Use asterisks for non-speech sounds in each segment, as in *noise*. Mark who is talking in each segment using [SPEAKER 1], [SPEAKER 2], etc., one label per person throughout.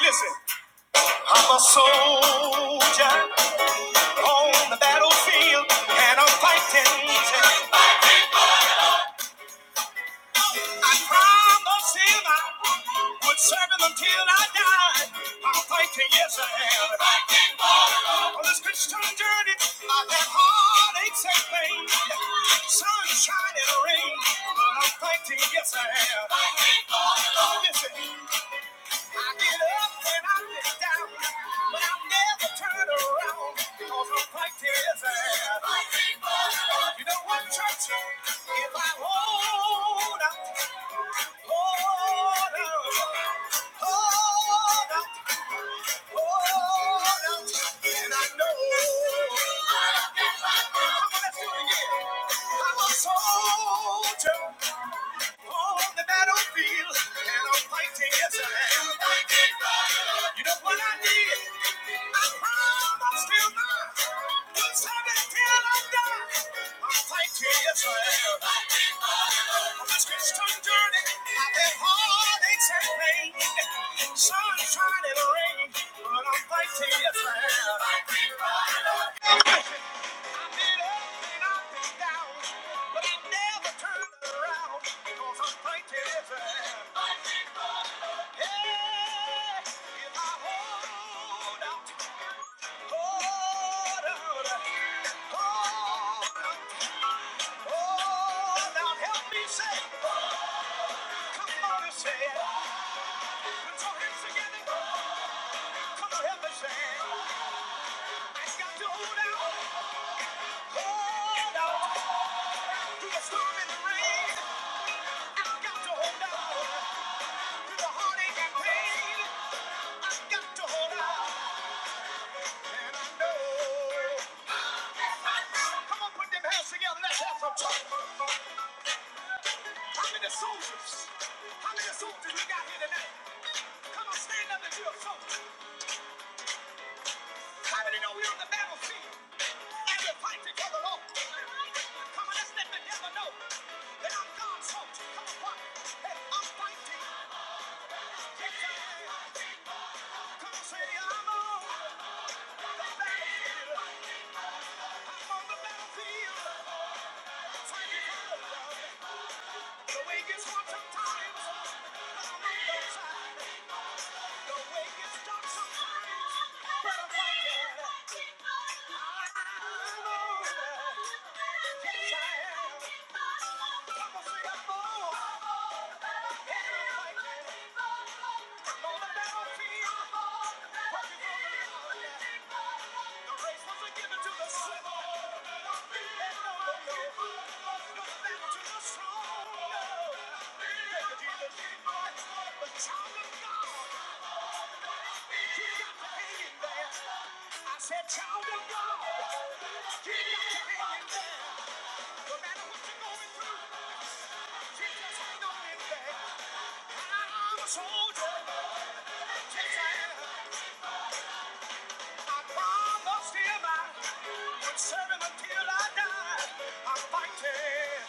[SPEAKER 1] Listen, I'm a soldier on the battlefield, and I'm fighting. I promised him I would serve him until I died. I'm fighting, yes I am. Fighting on this Christian journey, I've had heartaches and pain, sunshine and rain. I'm fighting, yes I am. Listen. I get up and I get down, but I never turn around because I'm fighting his You know what, church? If I hold out, hold out, hold out, hold out, and I know. Come on, let's do it again. I'm a soldier. On the battlefield, and I'm fighting yes, I am. You know what I did? I found I'm still mine. One time I die. I'm fighting yes, I am. On this Christian journey, I've had heartaches and pain, sunshine and rain, but I'm fighting yes, I am. I've been up and I've been down, but I never turned around because I'm fighting yes, I am. Together, let's have some talk. How many soldiers? How many soldiers we got here tonight? Come on, stand up and you're a soldier. How many know we're on the battlefield? And we're fighting for the Lord. Come on, let's let the devil know that I'm God's soldier. Come on, what? Hey, I'm fighting. Come on, say I'm on the battlefield. I'm on the battlefield. Fighting for the Lord. The way it gets hard sometimes. but I'm on the side. Child of God! I said, child of God, he got to hang in No matter what you're going through, you just hang on in I'm a soldier. Yes, I am. I I would serve him until I die. I'm fighting.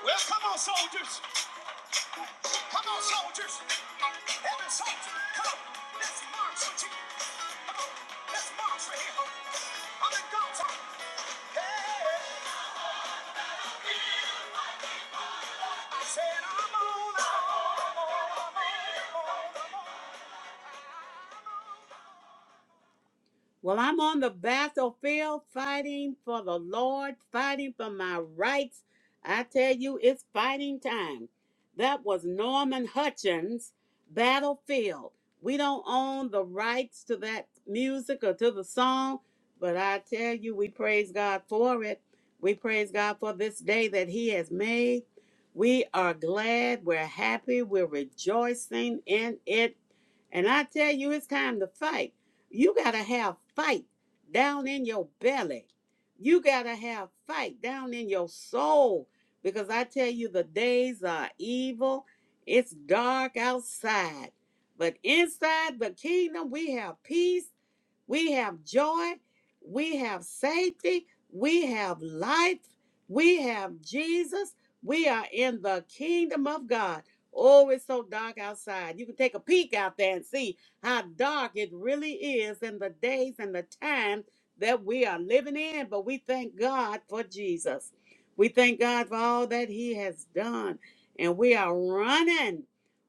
[SPEAKER 1] Well, come on, soldiers. Come on, soldiers. Every soldier, come on. Let's march for Jesus. Come on, let's march for him. I'm in God's army. Hey, I said I'm on, I'm on, I'm on, I'm on, I'm on. Well, I'm on the battlefield fighting for the Lord, fighting for my rights. I tell you, it's fighting time. That was Norman Hutchins' Battlefield. We don't own the rights to that music or to the song, but I tell you, we praise God for it. We praise God for this day that He has made. We are glad, we're happy, we're rejoicing in it. And I tell you, it's time to fight. You got to have fight down in your belly. You got to have fight down in your soul because I tell you, the days are evil. It's dark outside, but inside the kingdom, we have peace we have joy. We have safety. We have life. We have Jesus. We are in the kingdom of God. Oh, it's so dark outside. You can take a peek out there and see how dark it really is in the days and the time that we are living in. But we thank God for Jesus. We thank God for all that He has done. And we are running.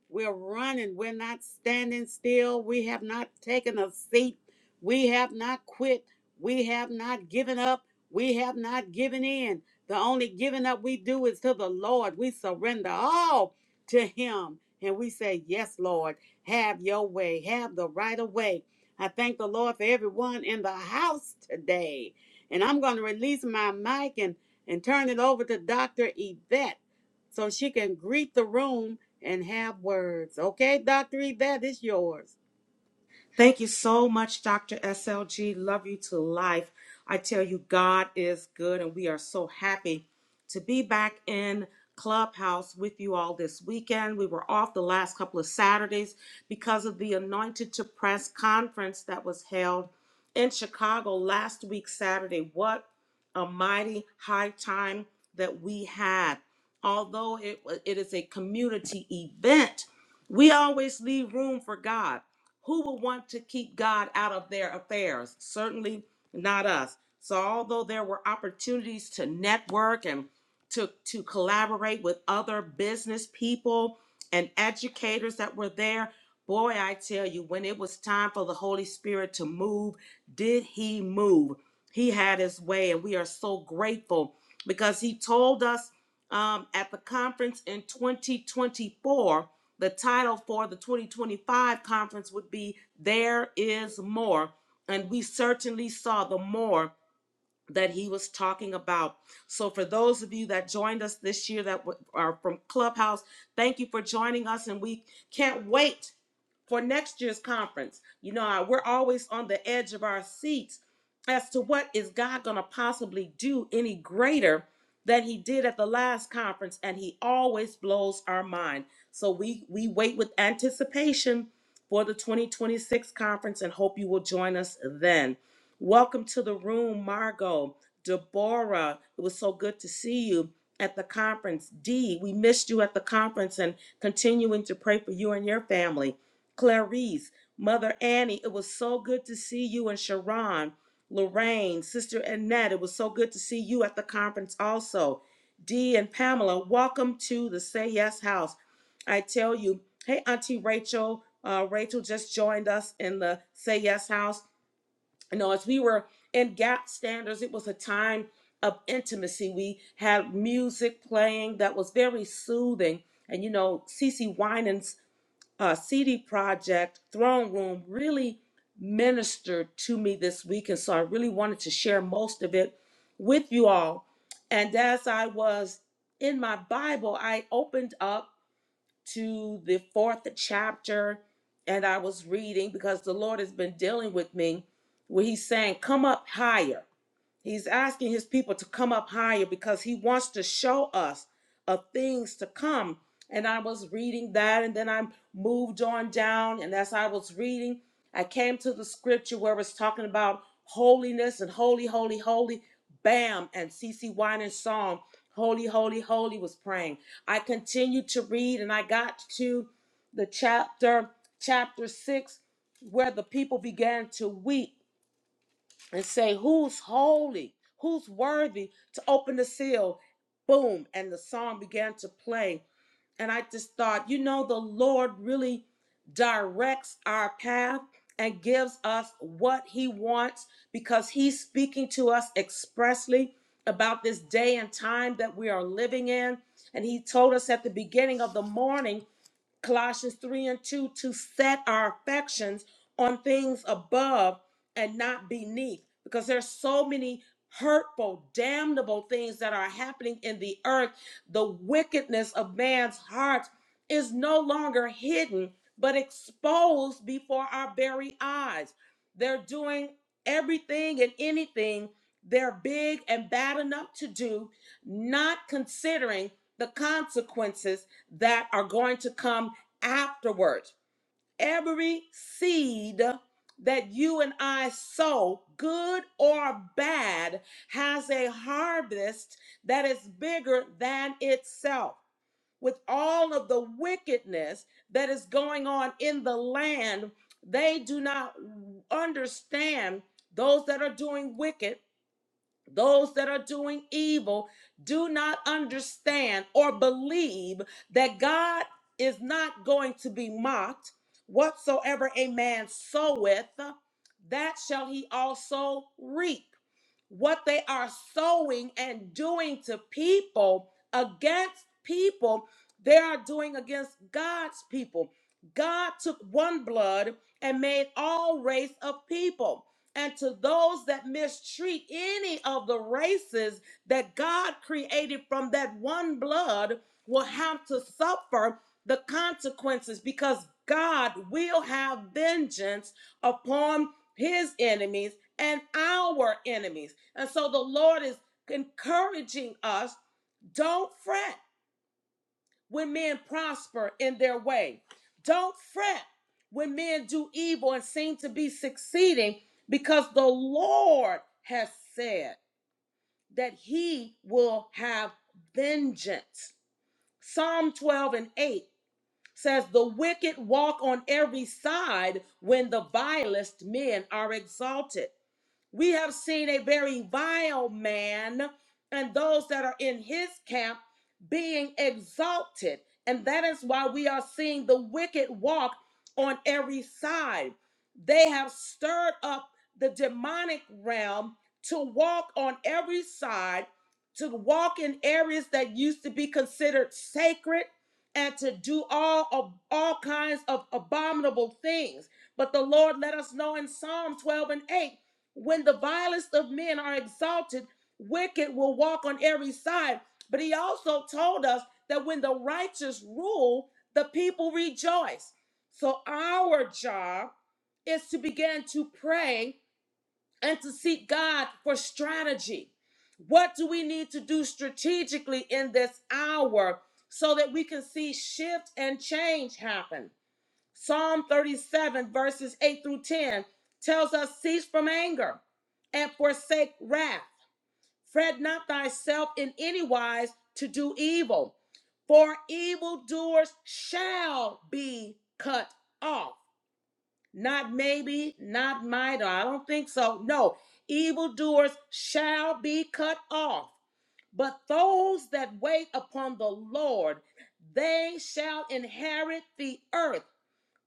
[SPEAKER 1] We're running. We're not standing still. We have not taken a seat we have not quit. We have not given up. We have not given in. The only giving up we do is to the Lord. We surrender all to Him and we say, Yes, Lord, have your way, have the right of way. I thank the Lord for everyone in the house today. And I'm going to release my mic and, and turn it over to Dr. Yvette so she can greet the room and have words. Okay, Dr. Yvette, it's yours.
[SPEAKER 2] Thank you so much, Dr. SLG. Love you to life. I tell you, God is good, and we are so happy to be back in Clubhouse with you all this weekend. We were off the last couple of Saturdays because of the Anointed to Press conference that was held in Chicago last week, Saturday. What a mighty high time that we had. Although it, it is a community event, we always leave room for God. Who would want to keep God out of their affairs? Certainly not us. So, although there were opportunities to network and to, to collaborate with other business people and educators that were there, boy, I tell you, when it was time for the Holy Spirit to move, did he move? He had his way, and we are so grateful because he told us um, at the conference in 2024 the title for the 2025 conference would be There is More. And we certainly saw the more that he was talking about. So, for those of you that joined us this year that are from Clubhouse, thank you for joining us. And we can't wait for next year's conference. You know, we're always on the edge of our seats as to what is God going to possibly do any greater than he did at the last conference and he always blows our mind. So we we wait with anticipation for the 2026 conference and hope you will join us then. Welcome to the room, Margot, Deborah. It was so good to see you at the conference. Dee, we missed you at the conference and continuing to pray for you and your family. Clarice, Mother Annie, it was so good to see you and Sharon, Lorraine, Sister Annette. It was so good to see you at the conference also. Dee and Pamela, welcome to the Say Yes House. I tell you, hey, Auntie Rachel, uh, Rachel just joined us in the Say Yes House. You know, as we were in gap standards, it was a time of intimacy. We had music playing that was very soothing. And you know, Cece Winans uh, CD Project Throne Room really ministered to me this week. And so I really wanted to share most of it with you all. And as I was in my Bible, I opened up to the fourth chapter and I was reading because the Lord has been dealing with me where He's saying, Come up higher. He's asking his people to come up higher because he wants to show us of things to come. And I was reading that, and then I moved on down. And as I was reading, I came to the scripture where it's talking about holiness and holy, holy, holy. Bam! And C. C. Winans song, Holy, Holy, Holy was praying. I continued to read, and I got to the chapter, chapter six, where the people began to weep and say who's holy, who's worthy to open the seal. Boom, and the song began to play. And I just thought, you know, the Lord really directs our path and gives us what he wants because he's speaking to us expressly about this day and time that we are living in. And he told us at the beginning of the morning Colossians 3 and 2 to set our affections on things above and not beneath because there's so many hurtful damnable things that are happening in the earth the wickedness of man's heart is no longer hidden but exposed before our very eyes they're doing everything and anything they're big and bad enough to do not considering the consequences that are going to come afterwards. Every seed that you and I sow, good or bad, has a harvest that is bigger than itself. With all of the wickedness that is going on in the land, they do not understand those that are doing wicked those that are doing evil do not understand or believe that God is not going to be mocked. Whatsoever a man soweth, that shall he also reap. What they are sowing and doing to people against people, they are doing against God's people. God took one blood and made all race of people and to those that mistreat any of the races that God created from that one blood will have to suffer the consequences because God will have vengeance upon his enemies and our enemies. And so the Lord is encouraging us don't fret when men prosper in their way. Don't fret when men do evil and seem to be succeeding, because the Lord has said that he will have vengeance. Psalm 12 and 8 says, The wicked walk on every side when the vilest men are exalted. We have seen a very vile man and those that are in his camp being exalted. And that is why we are seeing the wicked walk on every side. They have stirred up the demonic realm to walk on every side, to walk in areas that used to be considered sacred, and to do all of all kinds of abominable things. But the Lord let us know in Psalm 12 and 8 when the vilest of men are exalted, wicked will walk on every side. But he also told us that when the righteous rule, the people rejoice. So our job is to begin to pray and to seek God for strategy. What do we need to do strategically in this hour so that we can see shift and change happen? Psalm 37, verses 8 through 10, tells us cease from anger and forsake wrath. Fret not thyself in any wise to do evil, for evildoers shall be cut off. Not maybe, not might, or I don't think so. No, evildoers shall be cut off. But those that wait upon the Lord, they shall inherit the earth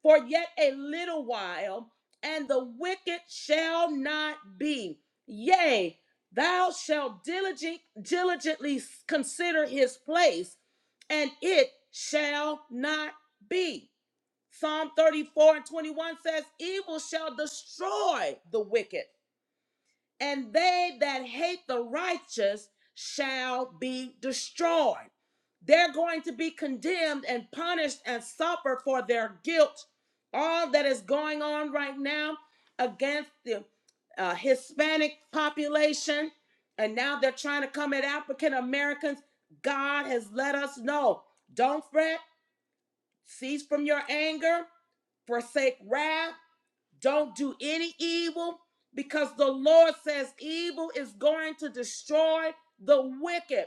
[SPEAKER 2] for yet a little while, and the wicked shall not be. Yea, thou shalt diligent, diligently consider his place, and it shall not be. Psalm 34 and 21 says, Evil shall destroy the wicked, and they that hate the righteous shall be destroyed. They're going to be condemned and punished and suffer for their guilt. All that is going on right now against the uh, Hispanic population, and now they're trying to come at African Americans. God has let us know don't fret, cease from your anger, forsake wrath don't do any evil because the Lord says evil is going to destroy the wicked.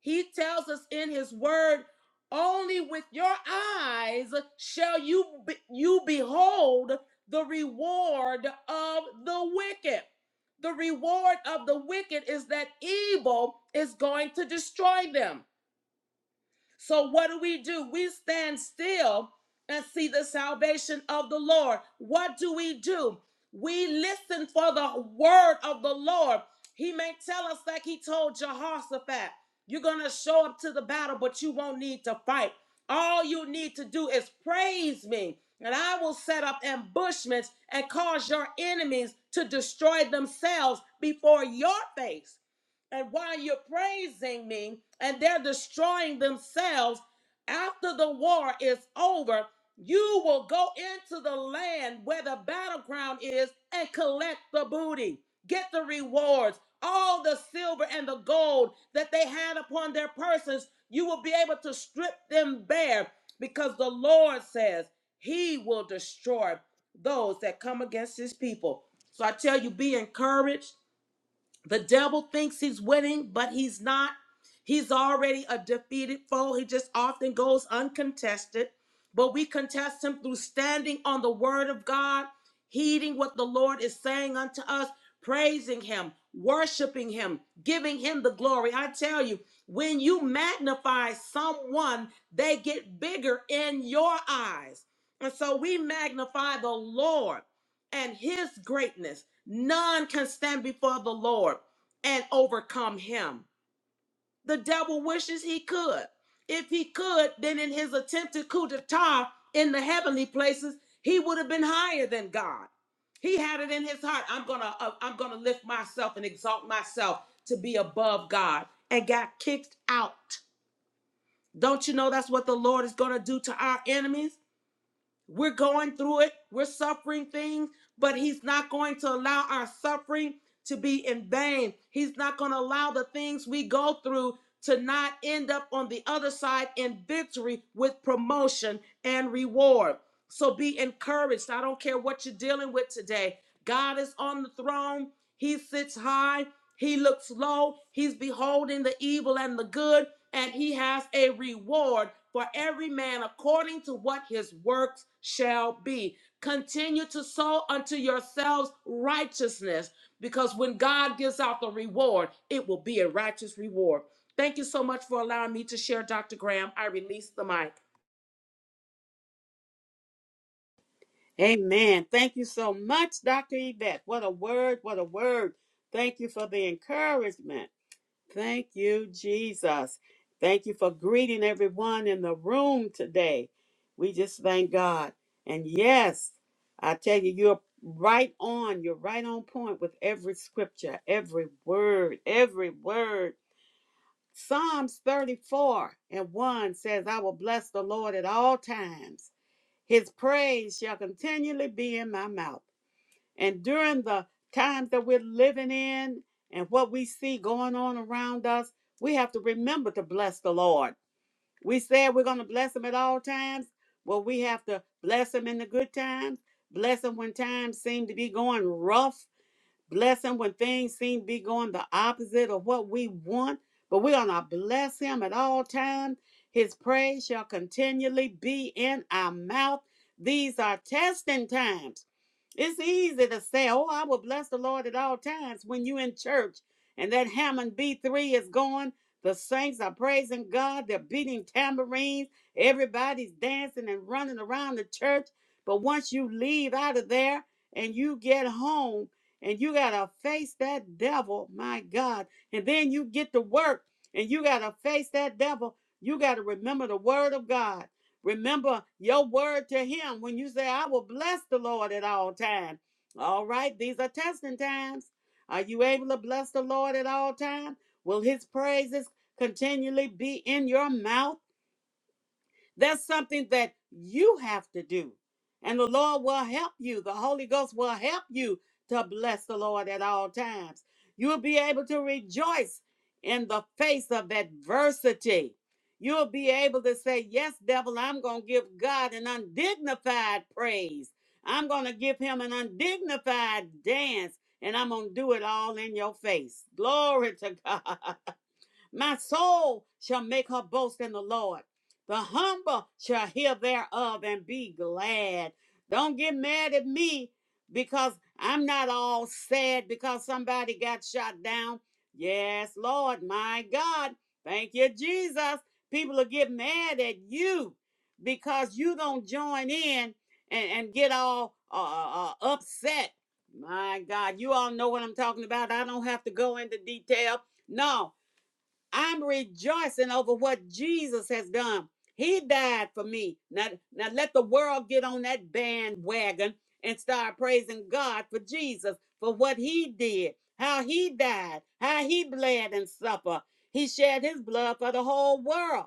[SPEAKER 2] He tells us in his word, only with your eyes shall you be- you behold the reward of the wicked. The reward of the wicked is that evil is going to destroy them. So, what do we do? We stand still and see the salvation of the Lord. What do we do? We listen for the word of the Lord. He may tell us, like he told Jehoshaphat, you're going to show up to the battle, but you won't need to fight. All you need to do is praise me, and I will set up ambushments and cause your enemies to destroy themselves before your face. And while you're praising me and they're destroying themselves, after the war is over, you will go into the land where the battleground is and collect the booty, get the rewards, all the silver and the gold that they had upon their persons. You will be able to strip them bare because the Lord says he will destroy those that come against his people. So I tell you, be encouraged the devil thinks he's winning, but he's not. He's already a defeated foe. He just often goes uncontested. But we contest him through standing on the word of God, heeding what the Lord is saying unto us, praising him, worshiping him, giving him the glory. I tell you, when you magnify someone, they get bigger in your eyes. And so we magnify the Lord and his greatness None can stand before the Lord and overcome him. The devil wishes he could. If he could, then in his attempted coup d'etat in the heavenly places, he would have been higher than God. He had it in his heart. I'm gonna, uh, I'm gonna lift myself and exalt myself to be above God, and got kicked out. Don't you know that's what the Lord is gonna do to our enemies? We're going through it, we're suffering things, but He's not going to allow our suffering to be in vain. He's not going to allow the things we go through to not end up on the other side in victory with promotion and reward. So be encouraged. I don't care what you're dealing with today. God is on the throne, He sits high. He looks low. He's beholding the evil and the good and he has a reward for every man according to what his works shall be. Continue to sow unto yourselves righteousness, because when God gives out the reward, it will be a righteous reward. Thank you so much for allowing me to share, Dr. Graham. I release the mic.
[SPEAKER 1] Amen. Thank you so much, Dr. Yvette. What a word. What a word. Thank you for the encouragement. Thank you, Jesus. Thank you for greeting everyone in the room today. We just thank God. And yes, I tell you, you're right on. You're right on point with every scripture, every word, every word. Psalms 34 and 1 says, I will bless the Lord at all times his praise shall continually be in my mouth. And during the times that we're living in and what we see going on around us, we have to remember to bless the Lord. We said we're going to bless him at all times. Well, we have to bless him in the good times, bless him when times seem to be going rough Bless him when things seem to be going the opposite of what we want, but we're going to bless him at all times. His praise shall continually be in our mouth. These are testing times. It's easy to say, Oh, I will bless the Lord at all times when you're in church and that Hammond B3 is going. The saints are praising God. They're beating tambourines. Everybody's dancing and running around the church. But once you leave out of there and you get home, and you got to face that devil, my God. And then you get to work and you got to face that devil. You got to remember the word of God. Remember your word to him when you say, I will bless the Lord at all times. All right, these are testing times. Are you able to bless the Lord at all times? Will his praises continually be in your mouth? That's something that you have to do. And the Lord will help you. The Holy Ghost will help you to bless the Lord at all times. You'll be able to rejoice in the face of adversity. You'll be able to say, Yes, devil, I'm going to give God an undignified praise. I'm going to give him an undignified dance, and I'm going to do it all in your face. Glory to God. *laughs* My soul shall make her boast in the Lord. The humble shall hear thereof and be glad. Don't get mad at me because I'm not all sad because somebody got shot down. Yes, Lord, my God. Thank you, Jesus. People will get mad at you because you don't join in and, and get all uh, uh, uh, upset. My God, you all know what I'm talking about. I don't have to go into detail. No, I'm rejoicing over what Jesus has done. He died for me. Now, now let the world get on that bandwagon and start praising God for Jesus, for what he did, how he died, how he bled and suffered. He shed his blood for the whole world.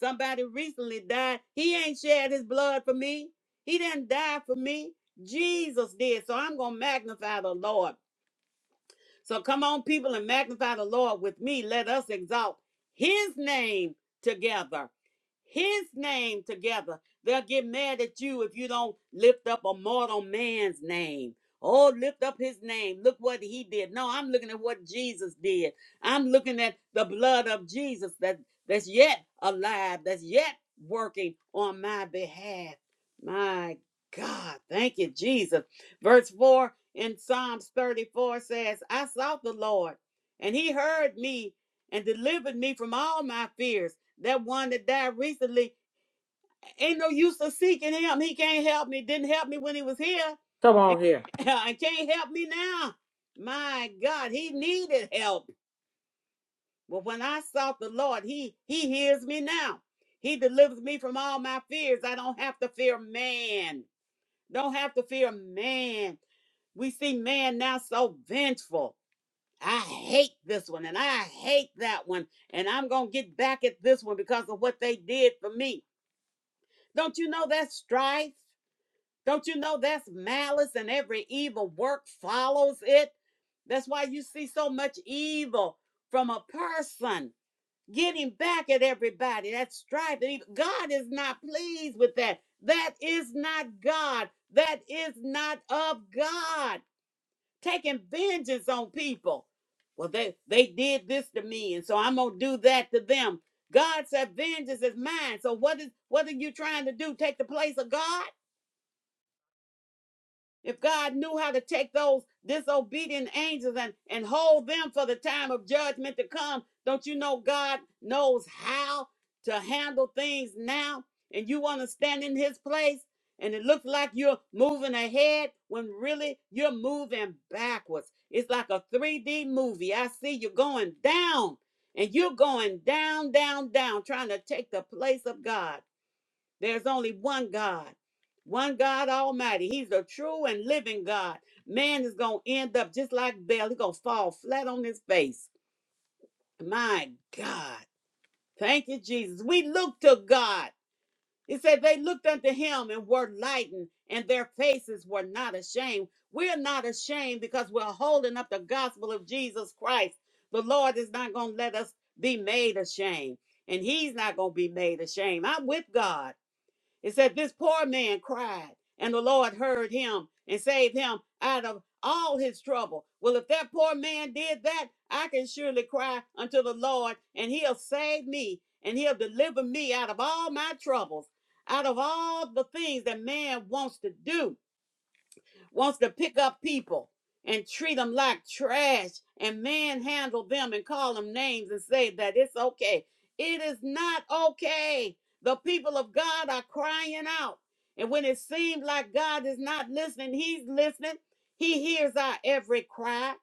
[SPEAKER 1] Somebody recently died. He ain't shed his blood for me. He didn't die for me. Jesus did. So I'm going to magnify the Lord. So come on, people, and magnify the Lord with me. Let us exalt his name together. His name together. They'll get mad at you if you don't lift up a mortal man's name. Oh, lift up his name. Look what he did. No, I'm looking at what Jesus did. I'm looking at the blood of Jesus that, that's yet alive, that's yet working on my behalf. My God. Thank you, Jesus. Verse 4 in Psalms 34 says, I sought the Lord, and he heard me and delivered me from all my fears. That one that died recently, ain't no use of seeking him. He can't help me. Didn't help me when he was here,
[SPEAKER 2] Come on here.
[SPEAKER 1] *laughs* and can't help me now. My God, he needed help. But when I sought the Lord, he he hears me now. He delivers me from all my fears. I don't have to fear man. Don't have to fear man. We see man now so vengeful I hate this one and I hate that one. And I'm going to get back at this one because of what they did for me. Don't you know that's strife? Don't you know that's malice and every evil work follows it? That's why you see so much evil from a person getting back at everybody. That's strife. and evil. God is not pleased with that. That is not God. That is not of God taking vengeance on people. Well, they they did this to me, and so I'm gonna do that to them. God said, "Vengeance is mine." So what is what are you trying to do? Take the place of God? If God knew how to take those disobedient angels and, and hold them for the time of judgment to come, don't you know God knows how to handle things now? And you want to stand in his place? And it looks like you're moving ahead when really you're moving backwards. It's like a 3D movie. I see you going down and you're going down, down, down, trying to take the place of God. There's only one God, one God Almighty. He's the true and living God. Man is going to end up just like Bel. He's going to fall flat on his face. My God. Thank you, Jesus. We look to God. He said they looked unto him and were lightened, and their faces were not ashamed. We're not ashamed because we're holding up the gospel of Jesus Christ. The Lord is not going to let us be made ashamed, and He's not going to be made ashamed. I'm with God. It said, This poor man cried, and the Lord heard him and saved him out of all his trouble. Well, if that poor man did that, I can surely cry unto the Lord, and he'll save me, and he'll deliver me out of all my troubles, out of all the things that man wants to do wants to pick up people and treat them like trash and manhandle them and call them names and say that it's okay. It is not okay. The people of God are crying out. And when it seems like God is not listening, He's listening. He hears our every cry.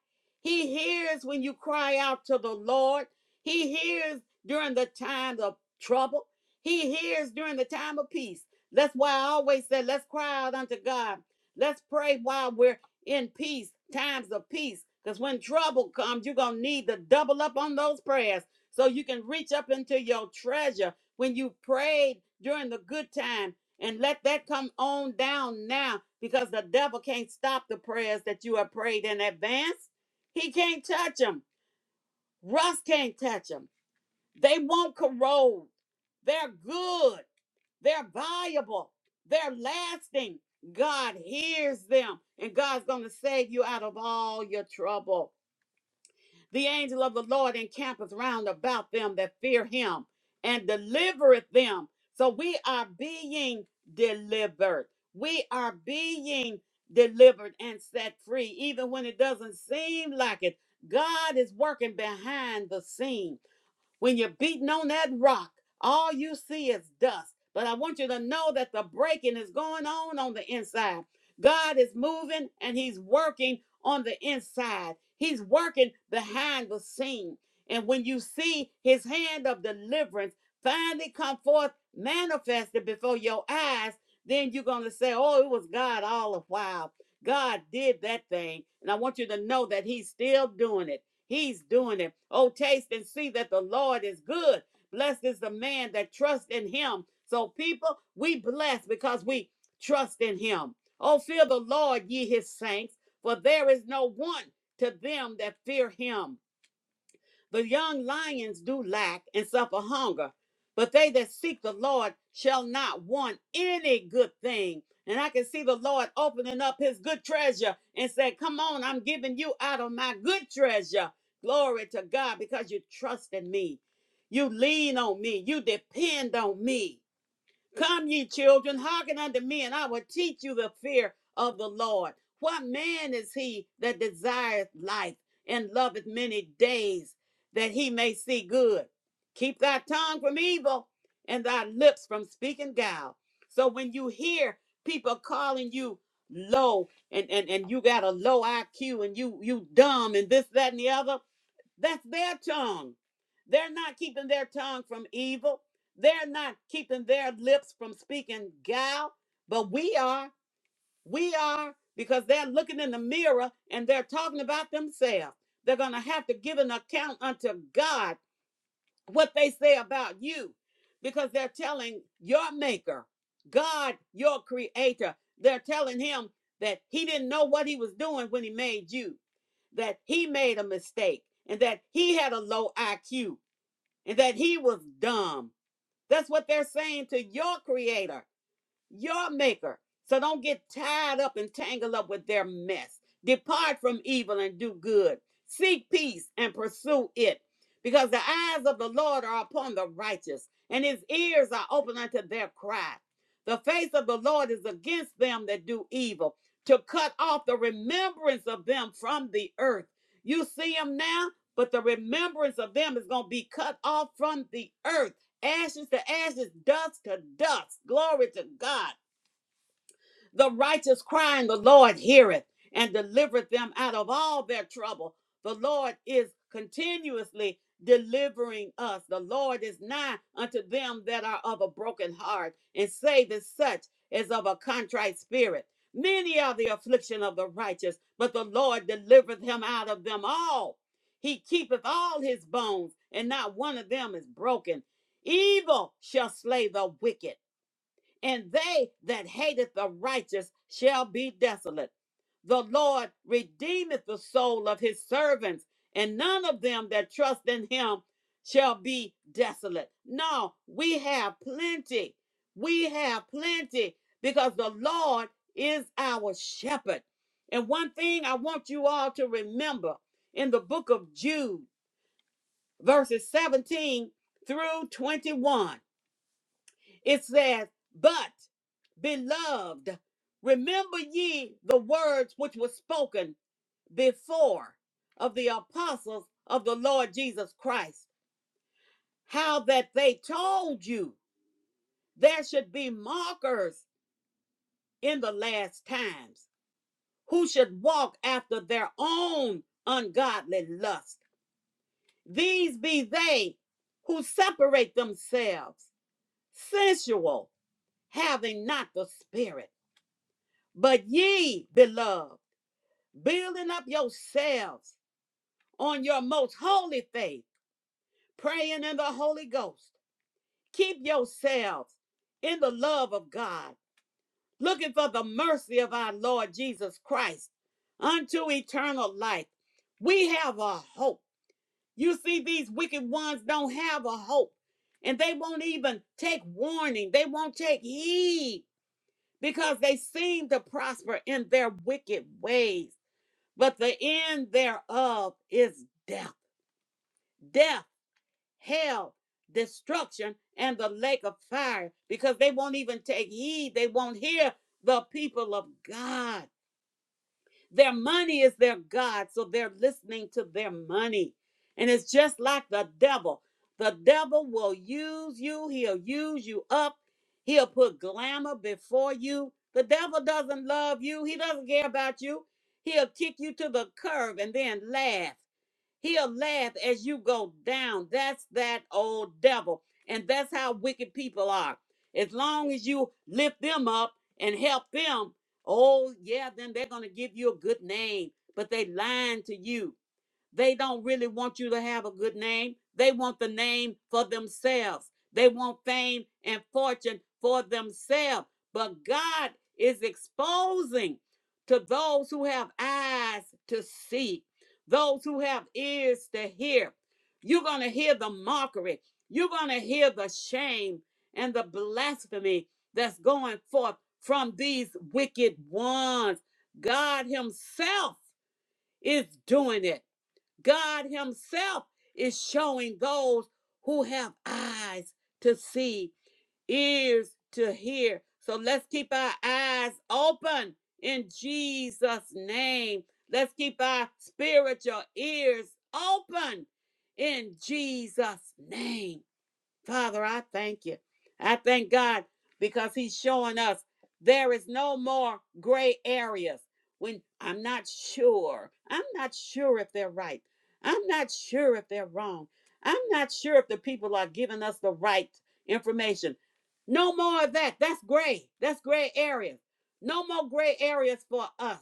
[SPEAKER 1] He hears when you cry out to the Lord. He hears during the time of trouble. He hears during the time of peace. That's why I always say, let's cry out unto God Let's pray while we're in peace, times of peace. Because when trouble comes, you're going to need to double up on those prayers so you can reach up into your treasure when you prayed during the good time. And let that come on down now because the devil can't stop the prayers that you have prayed in advance. He can't touch them. Rust can't touch 'em. They won't corrode. They're good. They're valuable. They're lasting. God hears them, and God's going to save you out of all your trouble. The angel of the Lord encampeth round about them that fear him and delivereth them. So we are being delivered. We are being delivered and set free, even when it doesn't seem like it. God is working behind the scene. When you're beating on that rock, all you see is dust. But I want you to know that the breaking is going on on the inside. God is moving and He's working on the inside, He's working behind the scene. And when you see His hand of deliverance finally come forth, manifested before your eyes, then you're going to say, Oh, it was God all the while. God did that thing. And I want you to know that He's still doing it. He's doing it. Oh, taste and see that the Lord is good. Blessed is the man that trusts in him. So, people, we bless because we trust in him. Oh, fear the Lord, ye his saints, for there is no want to them that fear him. The young lions do lack and suffer hunger, but they that seek the Lord shall not want any good thing. And I can see the Lord opening up his good treasure and say, Come on, I'm giving you out of my good treasure. Glory to God, because you trust in me. You lean on me. You depend on me. Come, ye children, hearken unto me, and I will teach you the fear of the Lord. What man is he that desireth life and loveth many days, that he may see good? Keep thy tongue from evil and thy lips from speaking guile. So when you hear people calling you low and, and, and you got a low IQ and you you dumb and this, that, and the other, that's their tongue. They're not keeping their tongue from evil. They're not keeping their lips from speaking gal, but we are. We are because they're looking in the mirror and they're talking about themselves. They're going to have to give an account unto God what they say about you because they're telling your maker, God, your creator, they're telling him that he didn't know what he was doing when he made you, that he made a mistake, and that he had a low IQ, and that he was dumb. That's what they're saying to your creator your maker. So don't get tied up and tangled up with their mess. Depart from evil and do good. Seek peace and pursue it. Because the eyes of the Lord are upon the righteous, and his ears are open unto their cry. The face of the Lord is against them that do evil, to cut off the remembrance of them from the earth. You see them now, but the remembrance of them is going to be cut off from the earth ashes to ashes, dust to dust. Glory to God. The righteous cry, and the Lord heareth and delivereth them out of all their trouble. The Lord is continuously delivering us. The Lord is nigh unto them that are of a broken heart, and saveth such as of a contrite spirit. Many are the affliction of the righteous, but the Lord delivereth him out of them all. He keepeth all his bones, and not one of them is broken. Evil shall slay the wicked and they that hateth the righteous shall be desolate. The Lord redeemeth the soul of his servants, and none of them that trust in him shall be desolate. No, we have plenty. We have plenty because the Lord is our shepherd. And one thing I want you all to remember in the book of Jude, verses 17 through 21 it says, But, beloved, remember ye the words which were spoken before of the apostles of the Lord Jesus Christ, how that they told you there should be mockers in the last times, who should walk after their own ungodly lust. These be they who separate themselves, sensual, having not the Spirit But ye, beloved, building up yourselves on your most holy faith, praying in the Holy Ghost, keep yourselves in the love of God, looking for the mercy of our Lord Jesus Christ unto eternal life. We have a hope. You see, these wicked ones don't have a hope, and they won't even take warning, they won't take heed because they seem to prosper in their wicked ways. but the end thereof is death, death, hell, destruction, and the lake of fire, because they won't even take heed. They won't hear the people of God. Their money is their God, so they're listening to their money. And it's just like the devil. The devil will use you, he'll use you up, he'll put glamour before you. The devil doesn't love you, he doesn't care about you. He'll kick you to the curb and then laugh. He'll laugh as you go down. That's that old devil. And that's how wicked people are. As long as you lift them up and help them, oh, yeah, then they're going to give you a good name. But they lying to you they don't really want you to have a good name. They want the name for themselves. They want fame and fortune for themselves. But God is exposing to those who have eyes to see, those who have ears to hear. You're going to hear the mockery. You're going to hear the shame and the blasphemy that's going forth from these wicked ones. God Himself is doing it. God Himself is showing those who have eyes to see, ears to hear. So let's keep our eyes open in Jesus' name. Let's keep our spiritual ears open in Jesus' name. Father, I thank you. I thank God because He's showing us there is no more gray areas when I'm not sure. I'm not sure if they're right. I'm not sure if they're wrong. I'm not sure if the people are giving us the right information. No more of that. That's gray. That's gray areas. No more gray areas for us.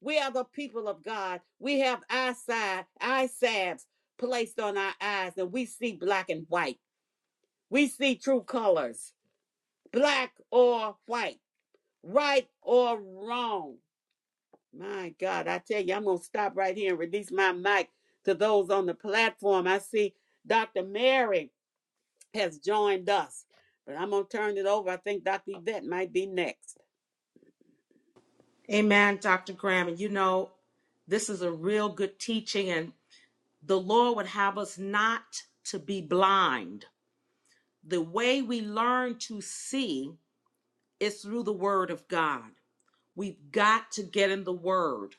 [SPEAKER 1] We are the people of God. We have eye side, salves placed on our eyes, and we see black and white. We see true colors, black or white, right or wrong. My God, I tell you, I'm going to stop right here and release my mic to those on the platform. I see Dr. Mary has joined us, but I'm going to turn it over. I think Dr. Yvette might be next.
[SPEAKER 2] Amen, Dr. Graham. And you know, this is a real good teaching, and the Lord would have us not to be blind. The way we learn to see It's through the word of God. We've got to get in the word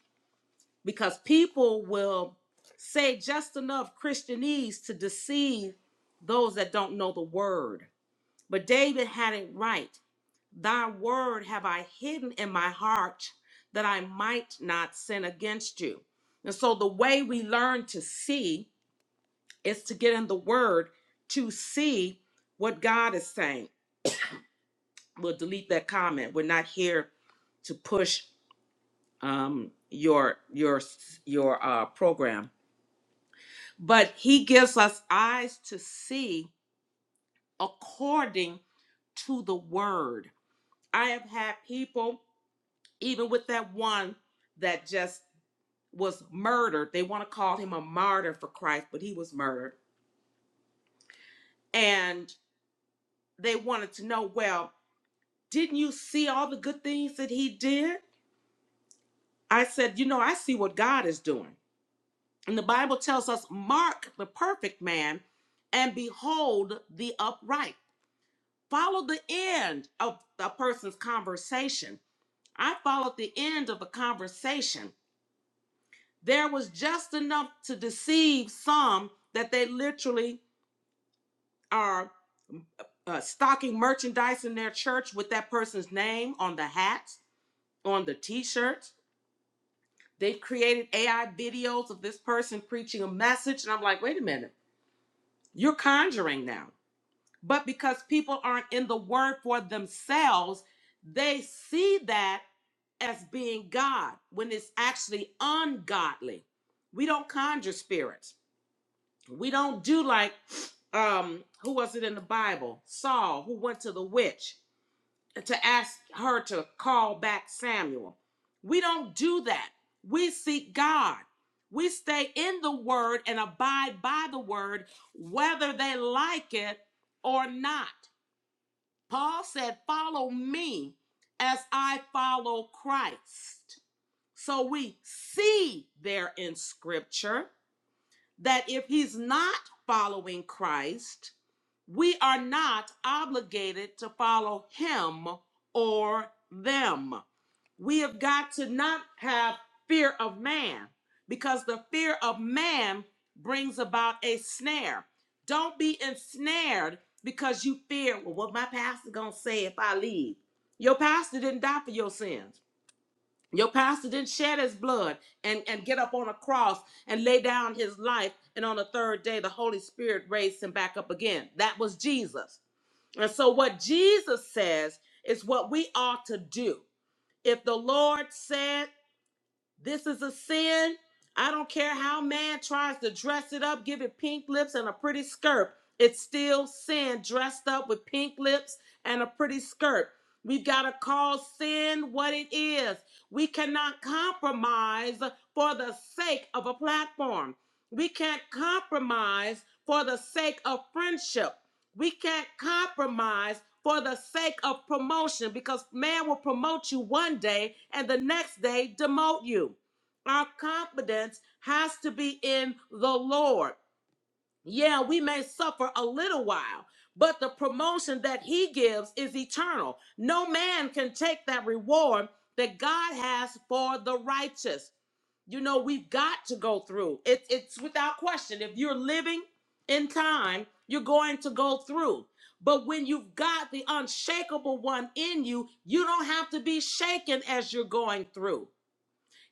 [SPEAKER 2] because people will say just enough Christianese to deceive those that don't know the word. But David had it right. Thy word have I hidden in my heart that I might not sin against you. And so the way we learn to see is to get in the word to see what God is saying. We'll delete that comment. We're not here to push um your your your uh program but he gives us eyes to see according to the word i have had people even with that one that just was murdered they want to call him a martyr for christ but he was murdered and they wanted to know well didn't you see all the good things that he did i said you know i see what god is doing And the Bible tells us, Mark the perfect man and behold the upright. Follow the end of a person's conversation. I followed the end of the conversation. There was just enough to deceive some that they literally are uh, stocking merchandise in their church with that person's name on the hats, on the t shirts. They've created AI videos of this person preaching a message. And I'm like, wait a minute, you're conjuring now. But because people aren't in the word for themselves, they see that as being God when it's actually ungodly. We don't conjure spirits. We don't do like um who was it in the Bible? Saul who went to the witch to ask her to call back Samuel. We don't do that. We seek God. We stay in the word and abide by the word whether they like it or not. Paul said, Follow me as I follow Christ. So we see there in scripture that if he's not following Christ, we are not obligated to follow him or them. We have got to not have fear of man because the fear of man brings about a snare. Don't be ensnared because you fear, well, what my pastor gonna say if I leave. Your pastor didn't die for your sins. Your pastor didn't shed his blood and, and get up on a cross and lay down his life. And on the third day, the Holy Spirit raised him back up again. That was Jesus. And so, what Jesus says is what we ought to do. If the Lord said this is a sin, I don't care how man tries to dress it up, give it pink lips and a pretty skirt. It's still sin dressed up with pink lips and a pretty skirt. We've got to call sin what it is. We cannot compromise for the sake of a platform. We can't compromise for the sake of friendship. We can't compromise for the sake of promotion because man will promote you one day and the next day demote you. Our confidence has to be in the Lord yeah, we may suffer a little while, but the promotion that he gives is eternal. No man can take that reward that God has for the righteous. You know, we've got to go through. It, it's without question. If you're living in time, you're going to go through. But when you've got the unshakable one in you, you don't have to be shaken as you're going through.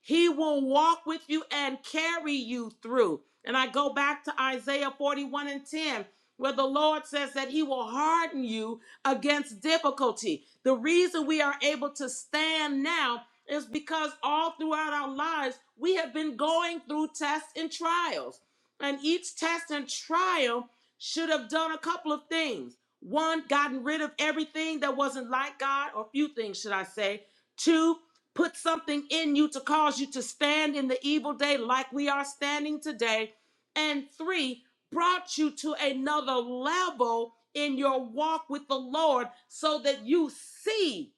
[SPEAKER 2] He will walk with you and carry you through. And I go back to Isaiah 41 and 10, where the Lord says that He will harden you against difficulty. The reason we are able to stand now is because all throughout our lives, we have been going through tests and trials. And each test and trial should have done a couple of things. One, gotten rid of everything that wasn't like God, or few things, should I say. Two, put something in you to cause you to stand in the evil day like we are standing today. And three, brought you to another level in your walk with the Lord so that you see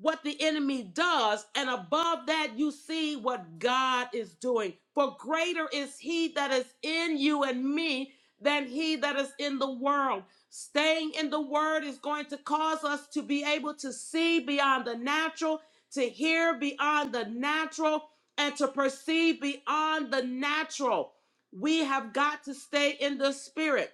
[SPEAKER 2] what the enemy does, and above that, you see what God is doing. For greater is He that is in you and me than He that is in the world. Staying in the Word is going to cause us to be able to see beyond the natural, to hear beyond the natural, and to perceive beyond the natural. We have got to stay in the Spirit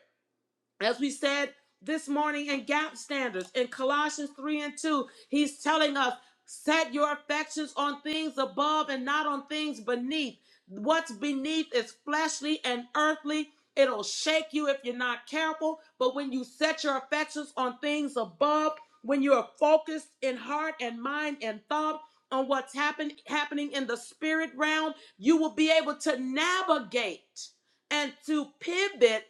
[SPEAKER 2] as we said this morning in gap standards in colossians 3 and 2 he's telling us set your affections on things above and not on things beneath what's beneath is fleshly and earthly it'll shake you if you're not careful but when you set your affections on things above when you're focused in heart and mind and thought on what's happen, happening in the spirit realm you will be able to navigate and to pivot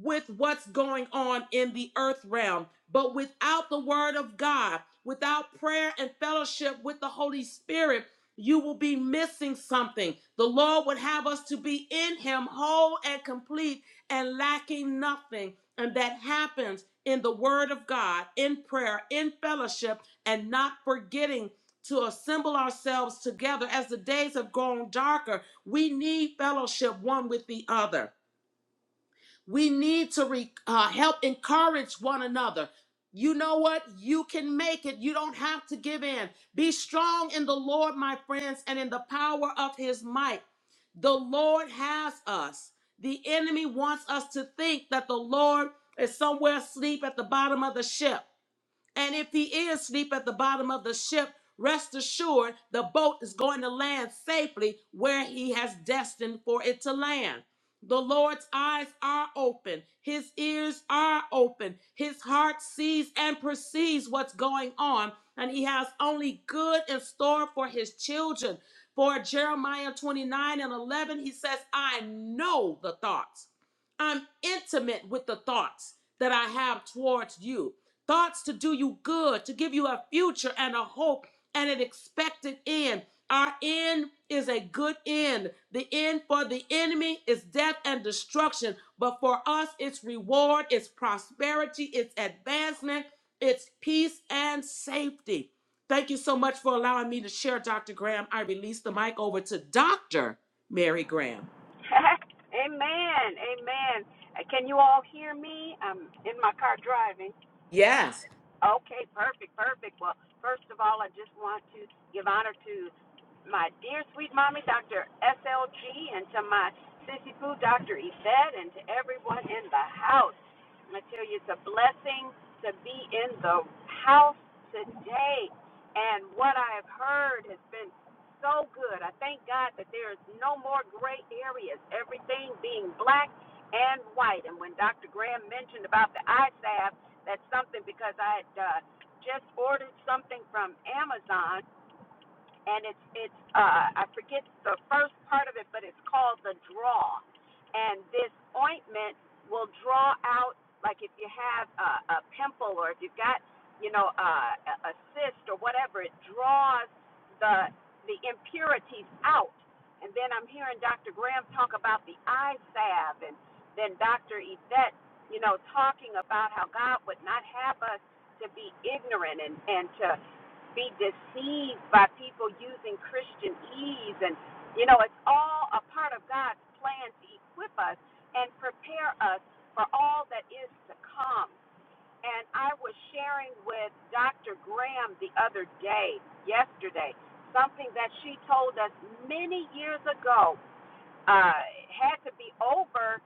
[SPEAKER 2] with what's going on in the earth realm. But without the word of God, without prayer and fellowship with the Holy Spirit, you will be missing something. The Lord would have us to be in Him, whole and complete and lacking nothing. And that happens in the Word of God, in prayer, in fellowship, and not forgetting to assemble ourselves together as the days have grown darker. We need fellowship one with the other. We need to re- uh, help encourage one another. You know what? You can make it. You don't have to give in. Be strong in the Lord, my friends, and in the power of his might. The Lord has us. The enemy wants us to think that the Lord is somewhere asleep at the bottom of the ship. And if he is asleep at the bottom of the ship, rest assured the boat is going to land safely where he has destined for it to land. The Lord's eyes are open, his ears are open, his heart sees and perceives what's going on, and he has only good in store for his children. For Jeremiah 29 and 11, he says, I know the thoughts. I'm intimate with the thoughts that I have towards you Thoughts to do you good, to give you a future and a hope and an expected end. Our end is a good end. The end for the enemy is death and destruction, but for us, it's reward, it's prosperity, it's advancement, it's peace and safety. Thank you so much for allowing me to share, Dr. Graham. I release the mic over to Dr. Mary Graham.
[SPEAKER 3] *laughs* amen. Amen. Uh, Can you all hear me? I'm in my car driving.
[SPEAKER 2] Yes.
[SPEAKER 3] Okay, perfect, perfect. Well, first of all, I just want to give honor to my dear sweet mommy, Dr. SLG, and to my sissy poo, Dr. Yvette, and to everyone in the house. I tell you, it's a blessing to be in the house today. And what I have heard has been so good. I thank God that there is no more gray areas, everything being black and white. And when Dr. Graham mentioned about the ISAB, that's something because I had uh, just ordered something from Amazon and it's it's uh, I forget the first part of it, but it's called the draw. And this ointment will draw out like if you have a, a pimple or if you've got you know a, a cyst or whatever, it draws the the impurities out. And then I'm hearing Dr. Graham talk about the eye salve, and then Dr. Yvette, you know, talking about how God would not have us to be ignorant and and to be deceived by people using Christian ease. And, you know, it's all a part of God's plan to equip us and prepare us for all that is to come. And I was sharing with Dr. Graham the other day, yesterday, something that she told us many years ago uh, had to be over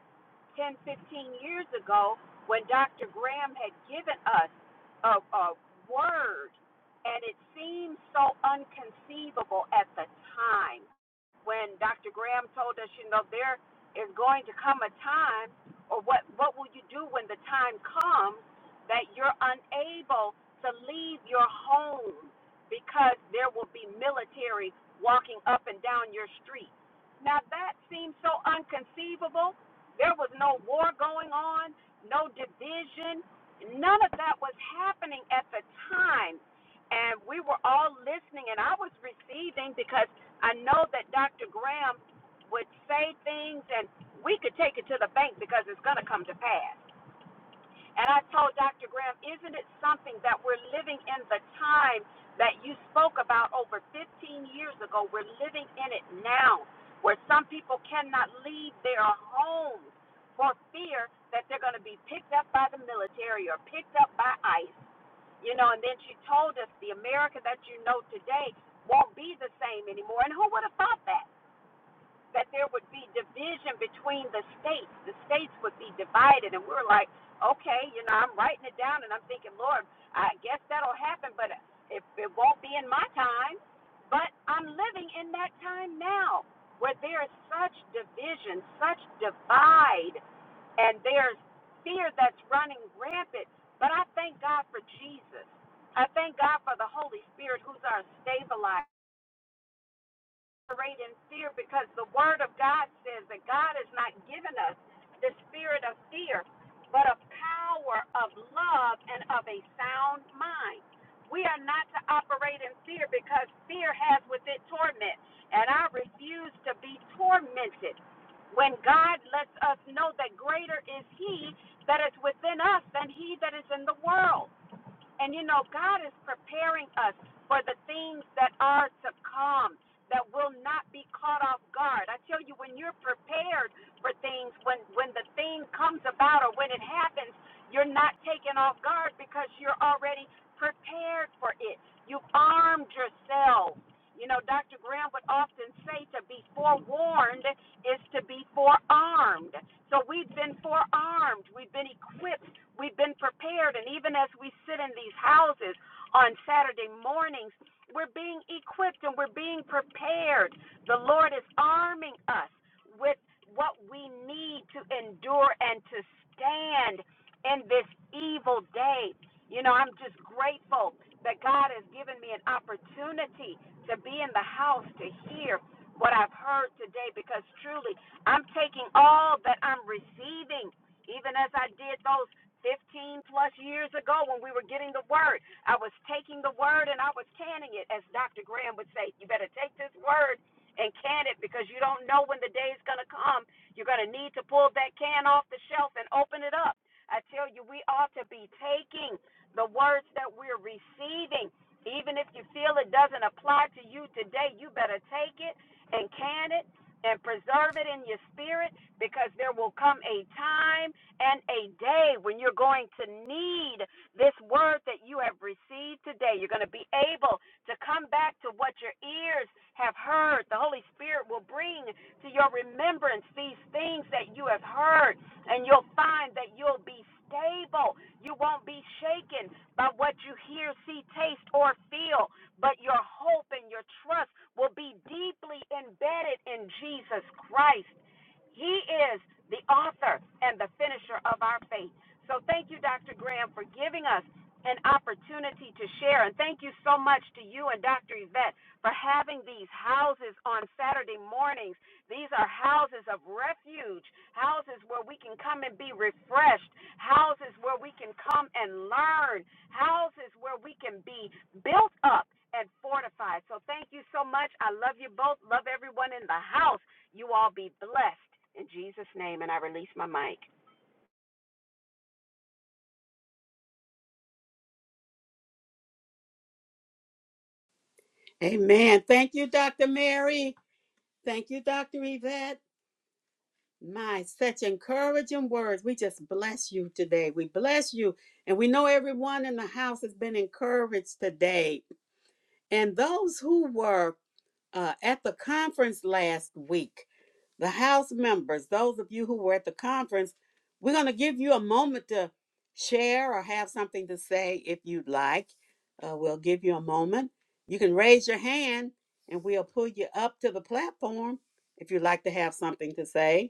[SPEAKER 3] 10, 15 years ago when Dr. Graham had given us a, a word, and it seemed so unconceivable at the time when Dr. Graham told us, you know, there is going to come a time, or what, what will you do when the time comes that you're unable to leave your home because there will be military walking up and down your street? Now, that seems so unconceivable. There was no war going on, no division. None of that was happening at the time. And we were all listening, and I was receiving because. I know that Dr. Graham would say things and we could take it to the bank because it's going to come to pass. And I told Dr. Graham, isn't it something that we're living in the time that you spoke about over 15 years ago? We're living in it now, where some people cannot leave their homes for fear that they're going to be picked up by the military or picked up by ICE. You know, and then she told us the America that you know today won't be the same anymore. And who would have thought that? that there would be division between the states. The states would be divided, and we're like, okay, you know, I'm writing it down, and I'm thinking, Lord, I guess that'll happen, but it, it won't be in my time. But I'm living in that time now, where there is such division, such divide, and there's fear that's running rampant. But I thank God for Jesus. I thank God for the Holy Spirit, who's our stabilizer operate in fear because the word of God says that God has not given us the spirit of fear, but of power, of love, and of a sound mind. We are not to operate in fear because fear has with it torment. And I refuse to be tormented when God lets us know that greater is He that is within us than He that is in the world. And you know, God is preparing us for the things that are to come that will not be caught off guard. I tell you, when you're prepared for things, when, when the thing comes about or when it happens, you're not taken off guard because you're already prepared for it. You've armed yourself. You know, Dr. Graham would often say to be forewarned is to be forearmed. So we've been forearmed. We've been equipped We've been prepared, and even as we sit in these houses on Saturday mornings, we're being equipped and we're being prepared. The Lord is arming us with what we need to endure and to stand in this evil day. You know, I'm just grateful that God has given me an opportunity to be in the house to hear what I've heard today because truly I'm taking all that I'm receiving, even as I did those 15 plus years ago when we were getting the word. I was taking the word and I was canning it, as Dr. Graham would say. You better take this word and can it because you don't know when the day is going to come. You're going to need to pull that can off the shelf and open it up. I tell you, we ought to be taking the words that we're receiving. Even if you feel it doesn't apply to you today, you better take it and can it and preserve it in your spirit because there will come a time and a day when you're going to need this word that you have received today. You're going to be able to come back to what your ears have heard. The Holy Spirit will bring to your remembrance these things that you have heard, and you'll find that you'll be stable. You won't be shaken by what you hear, see, taste, or feel, but your hope and your trust will be deeply embedded in Jesus Christ. He is the author and the finisher of our faith. So thank you, Dr. Graham, for giving us an opportunity to share. And thank you so much to you and Dr. Yvette for having these houses on Saturday mornings. These are houses of refuge, houses where we can come and be refreshed, houses where we can come and learn, houses where we can be built up and fortified. So thank you so much. I love you both. Love everyone in the house. You all be blessed in Jesus' name. And I release my mic.
[SPEAKER 1] Amen. Thank you, Dr. Mary. Thank you, Dr. Yvette. My, such encouraging words. We just bless you today. We bless you. And we know everyone in the house has been encouraged today. And those who were uh, at the conference last week, the house members, those of you who were at the conference, we're going to give you a moment to share or have something to say if you'd like. Uh, we'll give you a moment. You can raise your hand and we'll pull you up to the platform if you'd like to have something to say.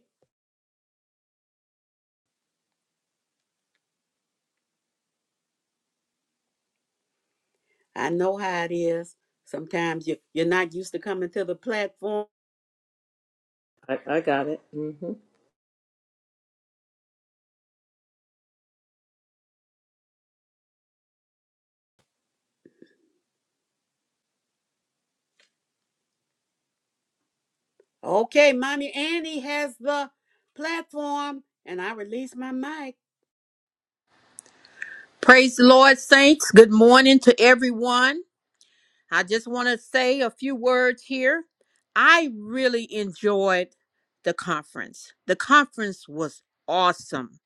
[SPEAKER 1] I know how it is. Sometimes you, you're not used to coming to the platform.
[SPEAKER 2] I, I got it. hmm
[SPEAKER 1] Okay, Mommy Annie has the platform, and I release my mic.
[SPEAKER 4] Praise the Lord, saints. Good morning to everyone. I just want to say a few words here. I really enjoyed the conference. The conference was awesome.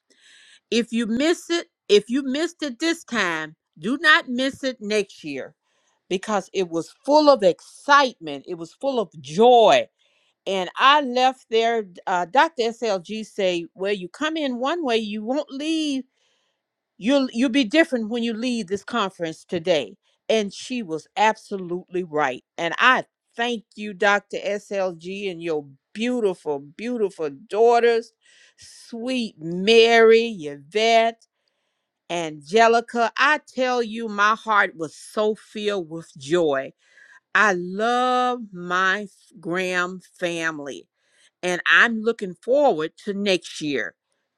[SPEAKER 4] If you miss it, if you missed it this time, do not miss it next year because it was full of excitement. It was full of joy. And I left there. Uh, Dr. SLG say, "Well, you come in one way, you won't leave." you'll you'll be different when you leave this conference today and she was absolutely right and i thank you dr slg and your beautiful beautiful daughters sweet mary yvette angelica i tell you my heart was so filled with joy i love my f- graham family and i'm looking forward to next year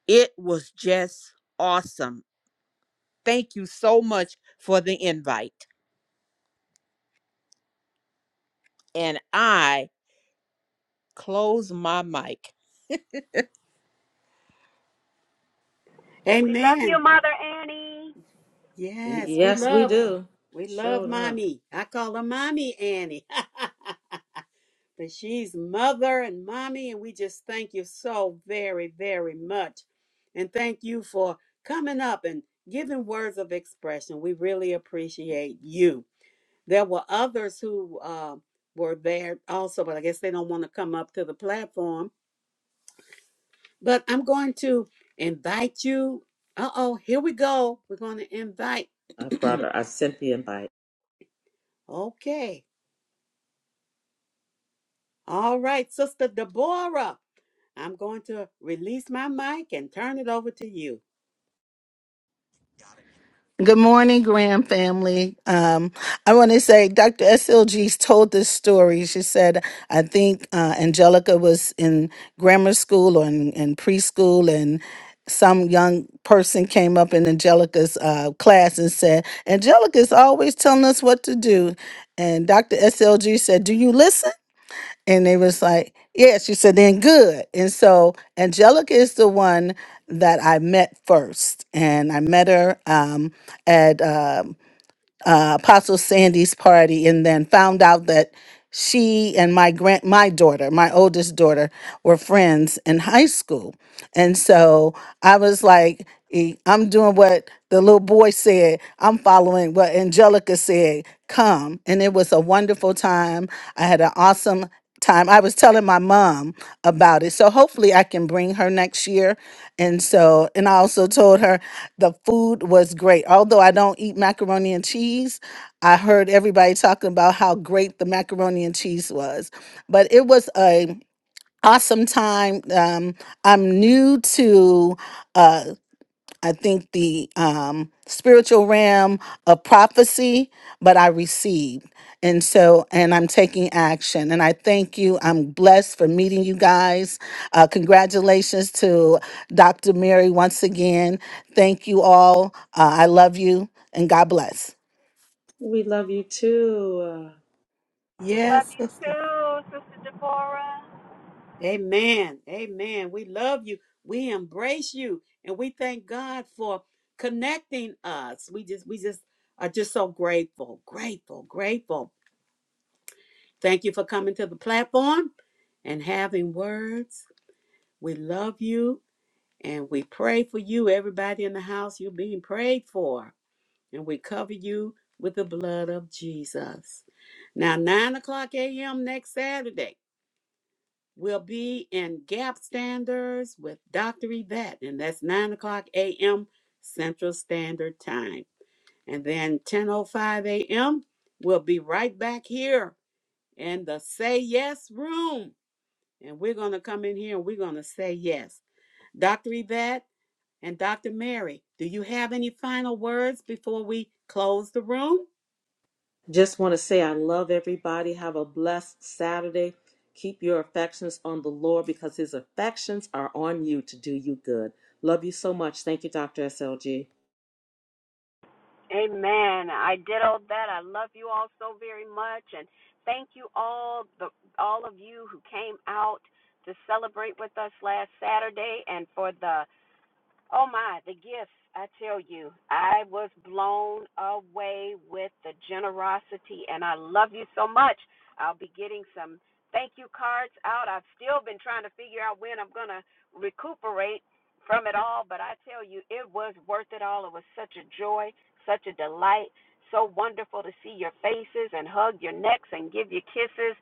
[SPEAKER 4] it was just awesome Thank you so much for the invite. And I close my mic.
[SPEAKER 3] We love you,
[SPEAKER 1] Amen.
[SPEAKER 3] Mother Annie.
[SPEAKER 1] Yes, we
[SPEAKER 2] Yes, we
[SPEAKER 1] love her.
[SPEAKER 2] do.
[SPEAKER 1] we
[SPEAKER 2] Sure
[SPEAKER 1] love
[SPEAKER 2] enough.
[SPEAKER 1] Mommy. I call her Mommy Annie. *laughs* but she's mother and mommy, and we just thank you so very, very much. And thank you for coming up and giving words of expression. We really appreciate you. There were others who uh, were there also, but I guess they don't want to come up to the platform. But I'm going to invite you. Uh oh, here we go. We're going to invite.
[SPEAKER 2] I brought her. I sent the invite.
[SPEAKER 1] Okay. All right, Sister Deborah. I'm going to release my mic and turn it over to you.
[SPEAKER 5] Good morning, Graham family. Um, I want to say Dr. SLG's told this story. She said, I think uh, Angelica was in grammar school or in, in preschool, and some young person came up in Angelica's uh, class and said, Angelica's always telling us what to do. And Dr. SLG said, Do you listen? And they was like, Yeah, she said, then good. And so Angelica is the one that I met first. And I met her um, at uh, uh, Apostle Sandy's party and then found out that she and my grand my daughter, my oldest daughter, were friends in high school. And so I was like, eh, I'm doing what the little boy said. I'm following what Angelica said. Come. And it was a wonderful time. I had an awesome time. I was telling my mom about it. So hopefully I can bring her next year. And so, and I also told her the food was great. Although I don't eat macaroni and cheese, I heard everybody talking about how great the macaroni and cheese was. But it was a awesome time. Um, I'm new to uh, I think the um, spiritual realm of prophecy, but I received. And so, and I'm taking action. And I thank you. I'm blessed for meeting you guys. Uh, congratulations to Dr. Mary once again. Thank you all. Uh, I love you and God bless.
[SPEAKER 2] We love you too. Uh,
[SPEAKER 3] We love
[SPEAKER 1] Yes,
[SPEAKER 3] you
[SPEAKER 1] Sister.
[SPEAKER 3] too, Sister Deborah.
[SPEAKER 1] Amen. Amen. We love you. We embrace you. And we thank God for connecting us. We just, we just are just so grateful, grateful, grateful. Thank you for coming to the platform and having words. We love you and we pray for you. Everybody in the house, you're being prayed for. And we cover you with the blood of Jesus. Now, 9 o'clock a.m. next Saturday, we'll be in Gap Standards with Dr. Yvette. And that's 9 o'clock a.m. Central Standard Time. And then 10.05 a.m., we'll be right back here in the Say Yes Room and we're going to come in here and we're going to say yes. Dr. Yvette and Dr. Mary, do you have any final words before we close the room?
[SPEAKER 2] Just want to say I love everybody. Have a blessed Saturday. Keep your affections on the Lord because his affections are on you to do you good. Love you so much. Thank you, Dr. SLG.
[SPEAKER 3] Amen. I did all that. I love you all so very much, and thank you all the all of you who came out to celebrate with us last Saturday, and for the Oh my, the gifts, I tell you. I was blown away with the generosity and I love you so much. I'll be getting some thank you cards out. I've still been trying to figure out when I'm going to recuperate from it all, but I tell you it was worth it all. It was such a joy, such a delight, so wonderful to see your faces and hug your necks and give you kisses.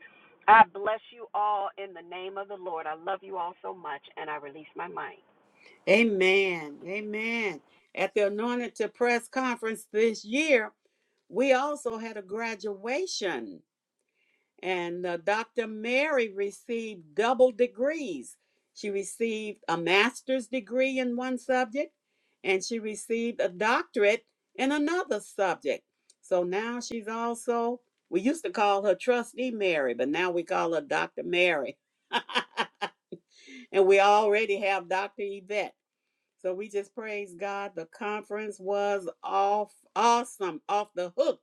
[SPEAKER 3] I bless you all in the name of the Lord. I love you all so much and I release my mind.
[SPEAKER 1] Amen. Amen. At the Anointed to Press conference this year, we also had a graduation And uh, Dr. Mary received double degrees. She received a master's degree in one subject, and she received a doctorate in another subject. So now she's also, we used to call her Trustee Mary, but now we call her Dr. Mary. *laughs* and we already have Dr. Yvette. So we just praise God. The conference was off, awesome, off the hook,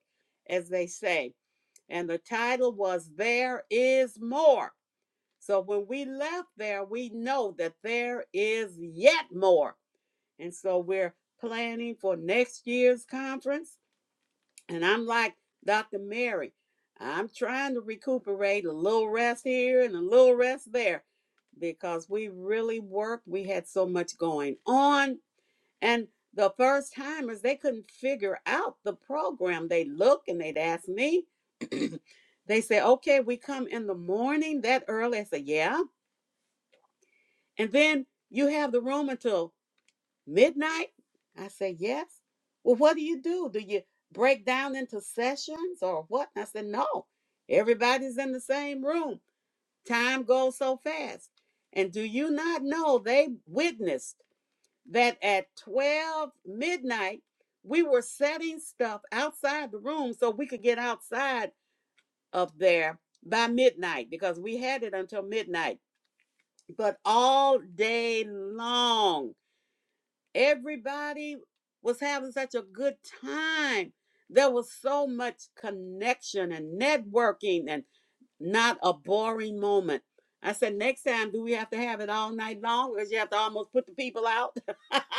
[SPEAKER 1] as they say and the title was There Is More. So when we left there, we know that there is yet more. And so we're planning for next year's conference. And I'm like Dr. Mary, I'm trying to recuperate a little rest here and a little rest there because we really worked. We had so much going on and the first timers, they couldn't figure out the program. They look and they'd ask me. *clears throat* they say, okay, we come in the morning that early. I say, yeah. And then you have the room until midnight? I say, yes. Well, what do you do? Do you break down into sessions or what? And I said, no. Everybody's in the same room. Time goes so fast. And do you not know they witnessed? that at 12 midnight, we were setting stuff outside the room so we could get outside of there by midnight because we had it until midnight. But all day long, everybody was having such a good time. There was so much connection and networking and not a boring moment. I said, next time, do we have to have it all night long? Because you have to almost put the people out. *laughs*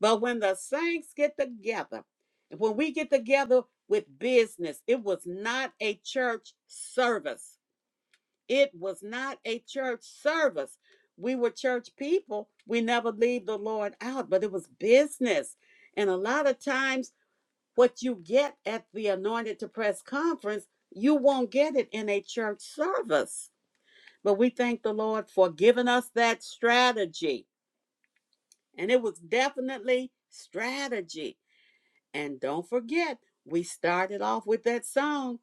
[SPEAKER 1] But when the saints get together, when we get together with business, it was not a church service. It was not a church service. We were church people. We never leave the Lord out, but it was business. And a lot of times, what you get at the Anointed to Press conference, you won't get it in a church service. But we thank the Lord for giving us that strategy. And it was definitely strategy And don't forget, we started off with that song,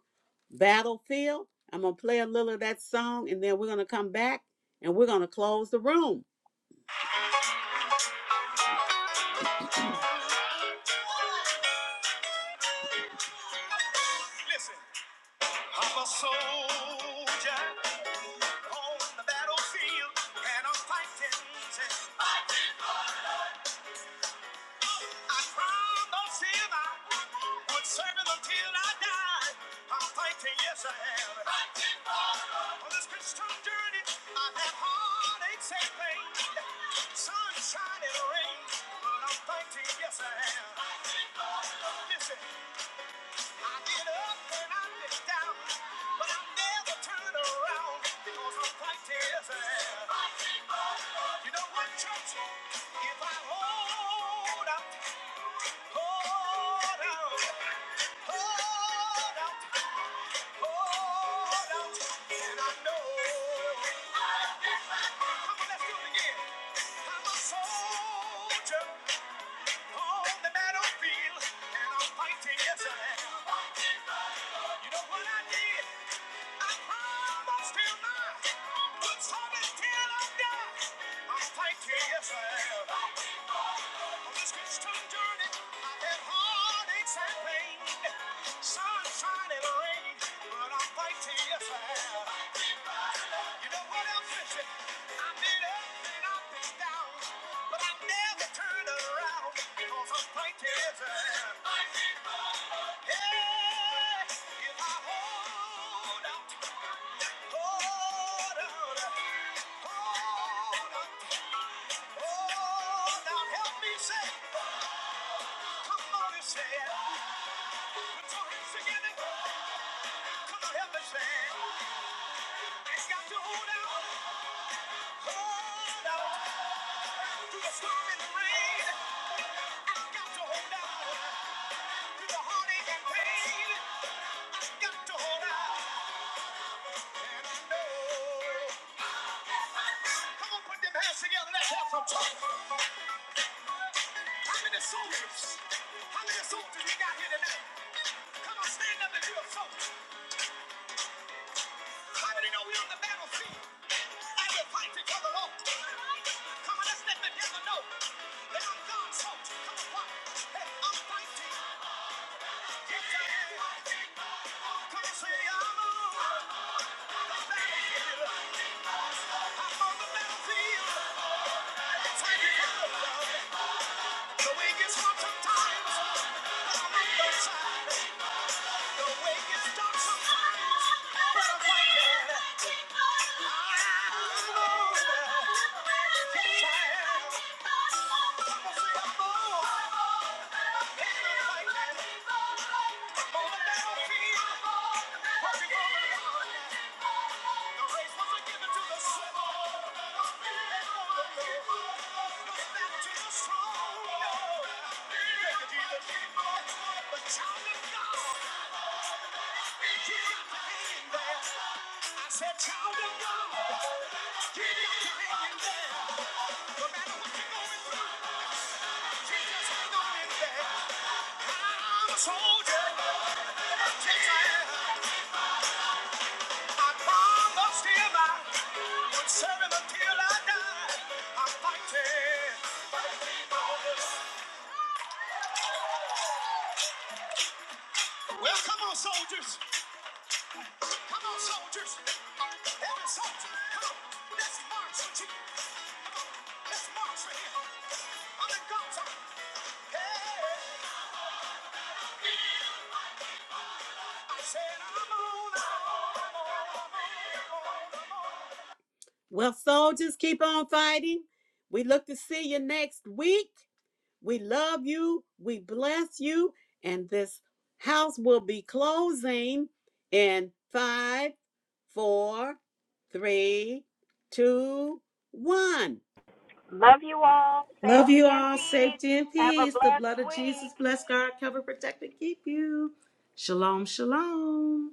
[SPEAKER 1] Battlefield. I'm going to play a little of that song and then we're going to come back and we're going to close the room. Listen, I'm a soldier on the battlefield and I'm fighting. I promised him I would serve him until I died. I'm thinking, yes, I have. Fighting for love. On this Christian journey, I have heartaches and pain, sunshine and rain. But I'm thinking, yes, I have. Fighting for love. Listen, I get up and I get down, but I never turn around because I'm thinking, yes, I have. You know what, church? If I hold up. Hold out, hold out, hold out, and I know. Come on, let's do it again. I'm a soldier on the battlefield, and I'm fighting, yes I am. You know what I did? I promised till I, promised till I die. I'm fighting, yes I am. This Christian journey, I've had heartaches and pain, sunshine and rain, but I fight till you found. You know what else is it? I've been up and up and down, but I never turned around because I'm fighting till you Yeah, I hold out, hold out, hold out, help me say. Come on and say it. Put your together. Come on, help me say it. it got to hold out. Through the storm and the rain. I've got to hold out. Through the heartache and pain. Got to hold out. And I know. Come on, put them hands together. Let's have some talk. How many soldiers? How many soldiers we got here tonight? Come on, stand up and do a song. How many know we on the battlefield? And we fight each other off. Come on, let the devil know that I'm God's soldier. Come on, what? Hey, I'm fighting. Yes, I am. Come on, say I'm on the battlefield. I'm on the battlefield. It's hard to The way gets hard sometimes. But I'm on the side. The way you start sometimes, but I'm waiting. I'm over. Yes, I am. I'm gonna say I'm over. Feeling like that. On the battlefield, working for the Lord. The race wasn't given to the swift. It's for the Lord. No battle to the strong. Thank you, Jesus. The child of God. I said, child of God, keep your hand in there. No matter what you're going through, Jesus, hang on in there. I'm a soldier. Yes, I am. I promised him I would serve him until I die. I'm fighting. Well, come on, soldiers. Come on, soldiers. Every soldier, come on. Let's march. right Hey, Well, soldiers, keep on fighting. We look to see you next week. We love you. We bless you. And this house will be closing in five, four, three, two, one.
[SPEAKER 3] Love you all.
[SPEAKER 2] Love
[SPEAKER 3] Safety
[SPEAKER 2] you
[SPEAKER 3] and
[SPEAKER 2] all.
[SPEAKER 3] peace.
[SPEAKER 2] Safety and
[SPEAKER 3] Have a
[SPEAKER 2] peace. The
[SPEAKER 3] blessed
[SPEAKER 2] blood of Jesus
[SPEAKER 3] week.
[SPEAKER 2] bless, guard, cover, protect, and keep you. Shalom, shalom.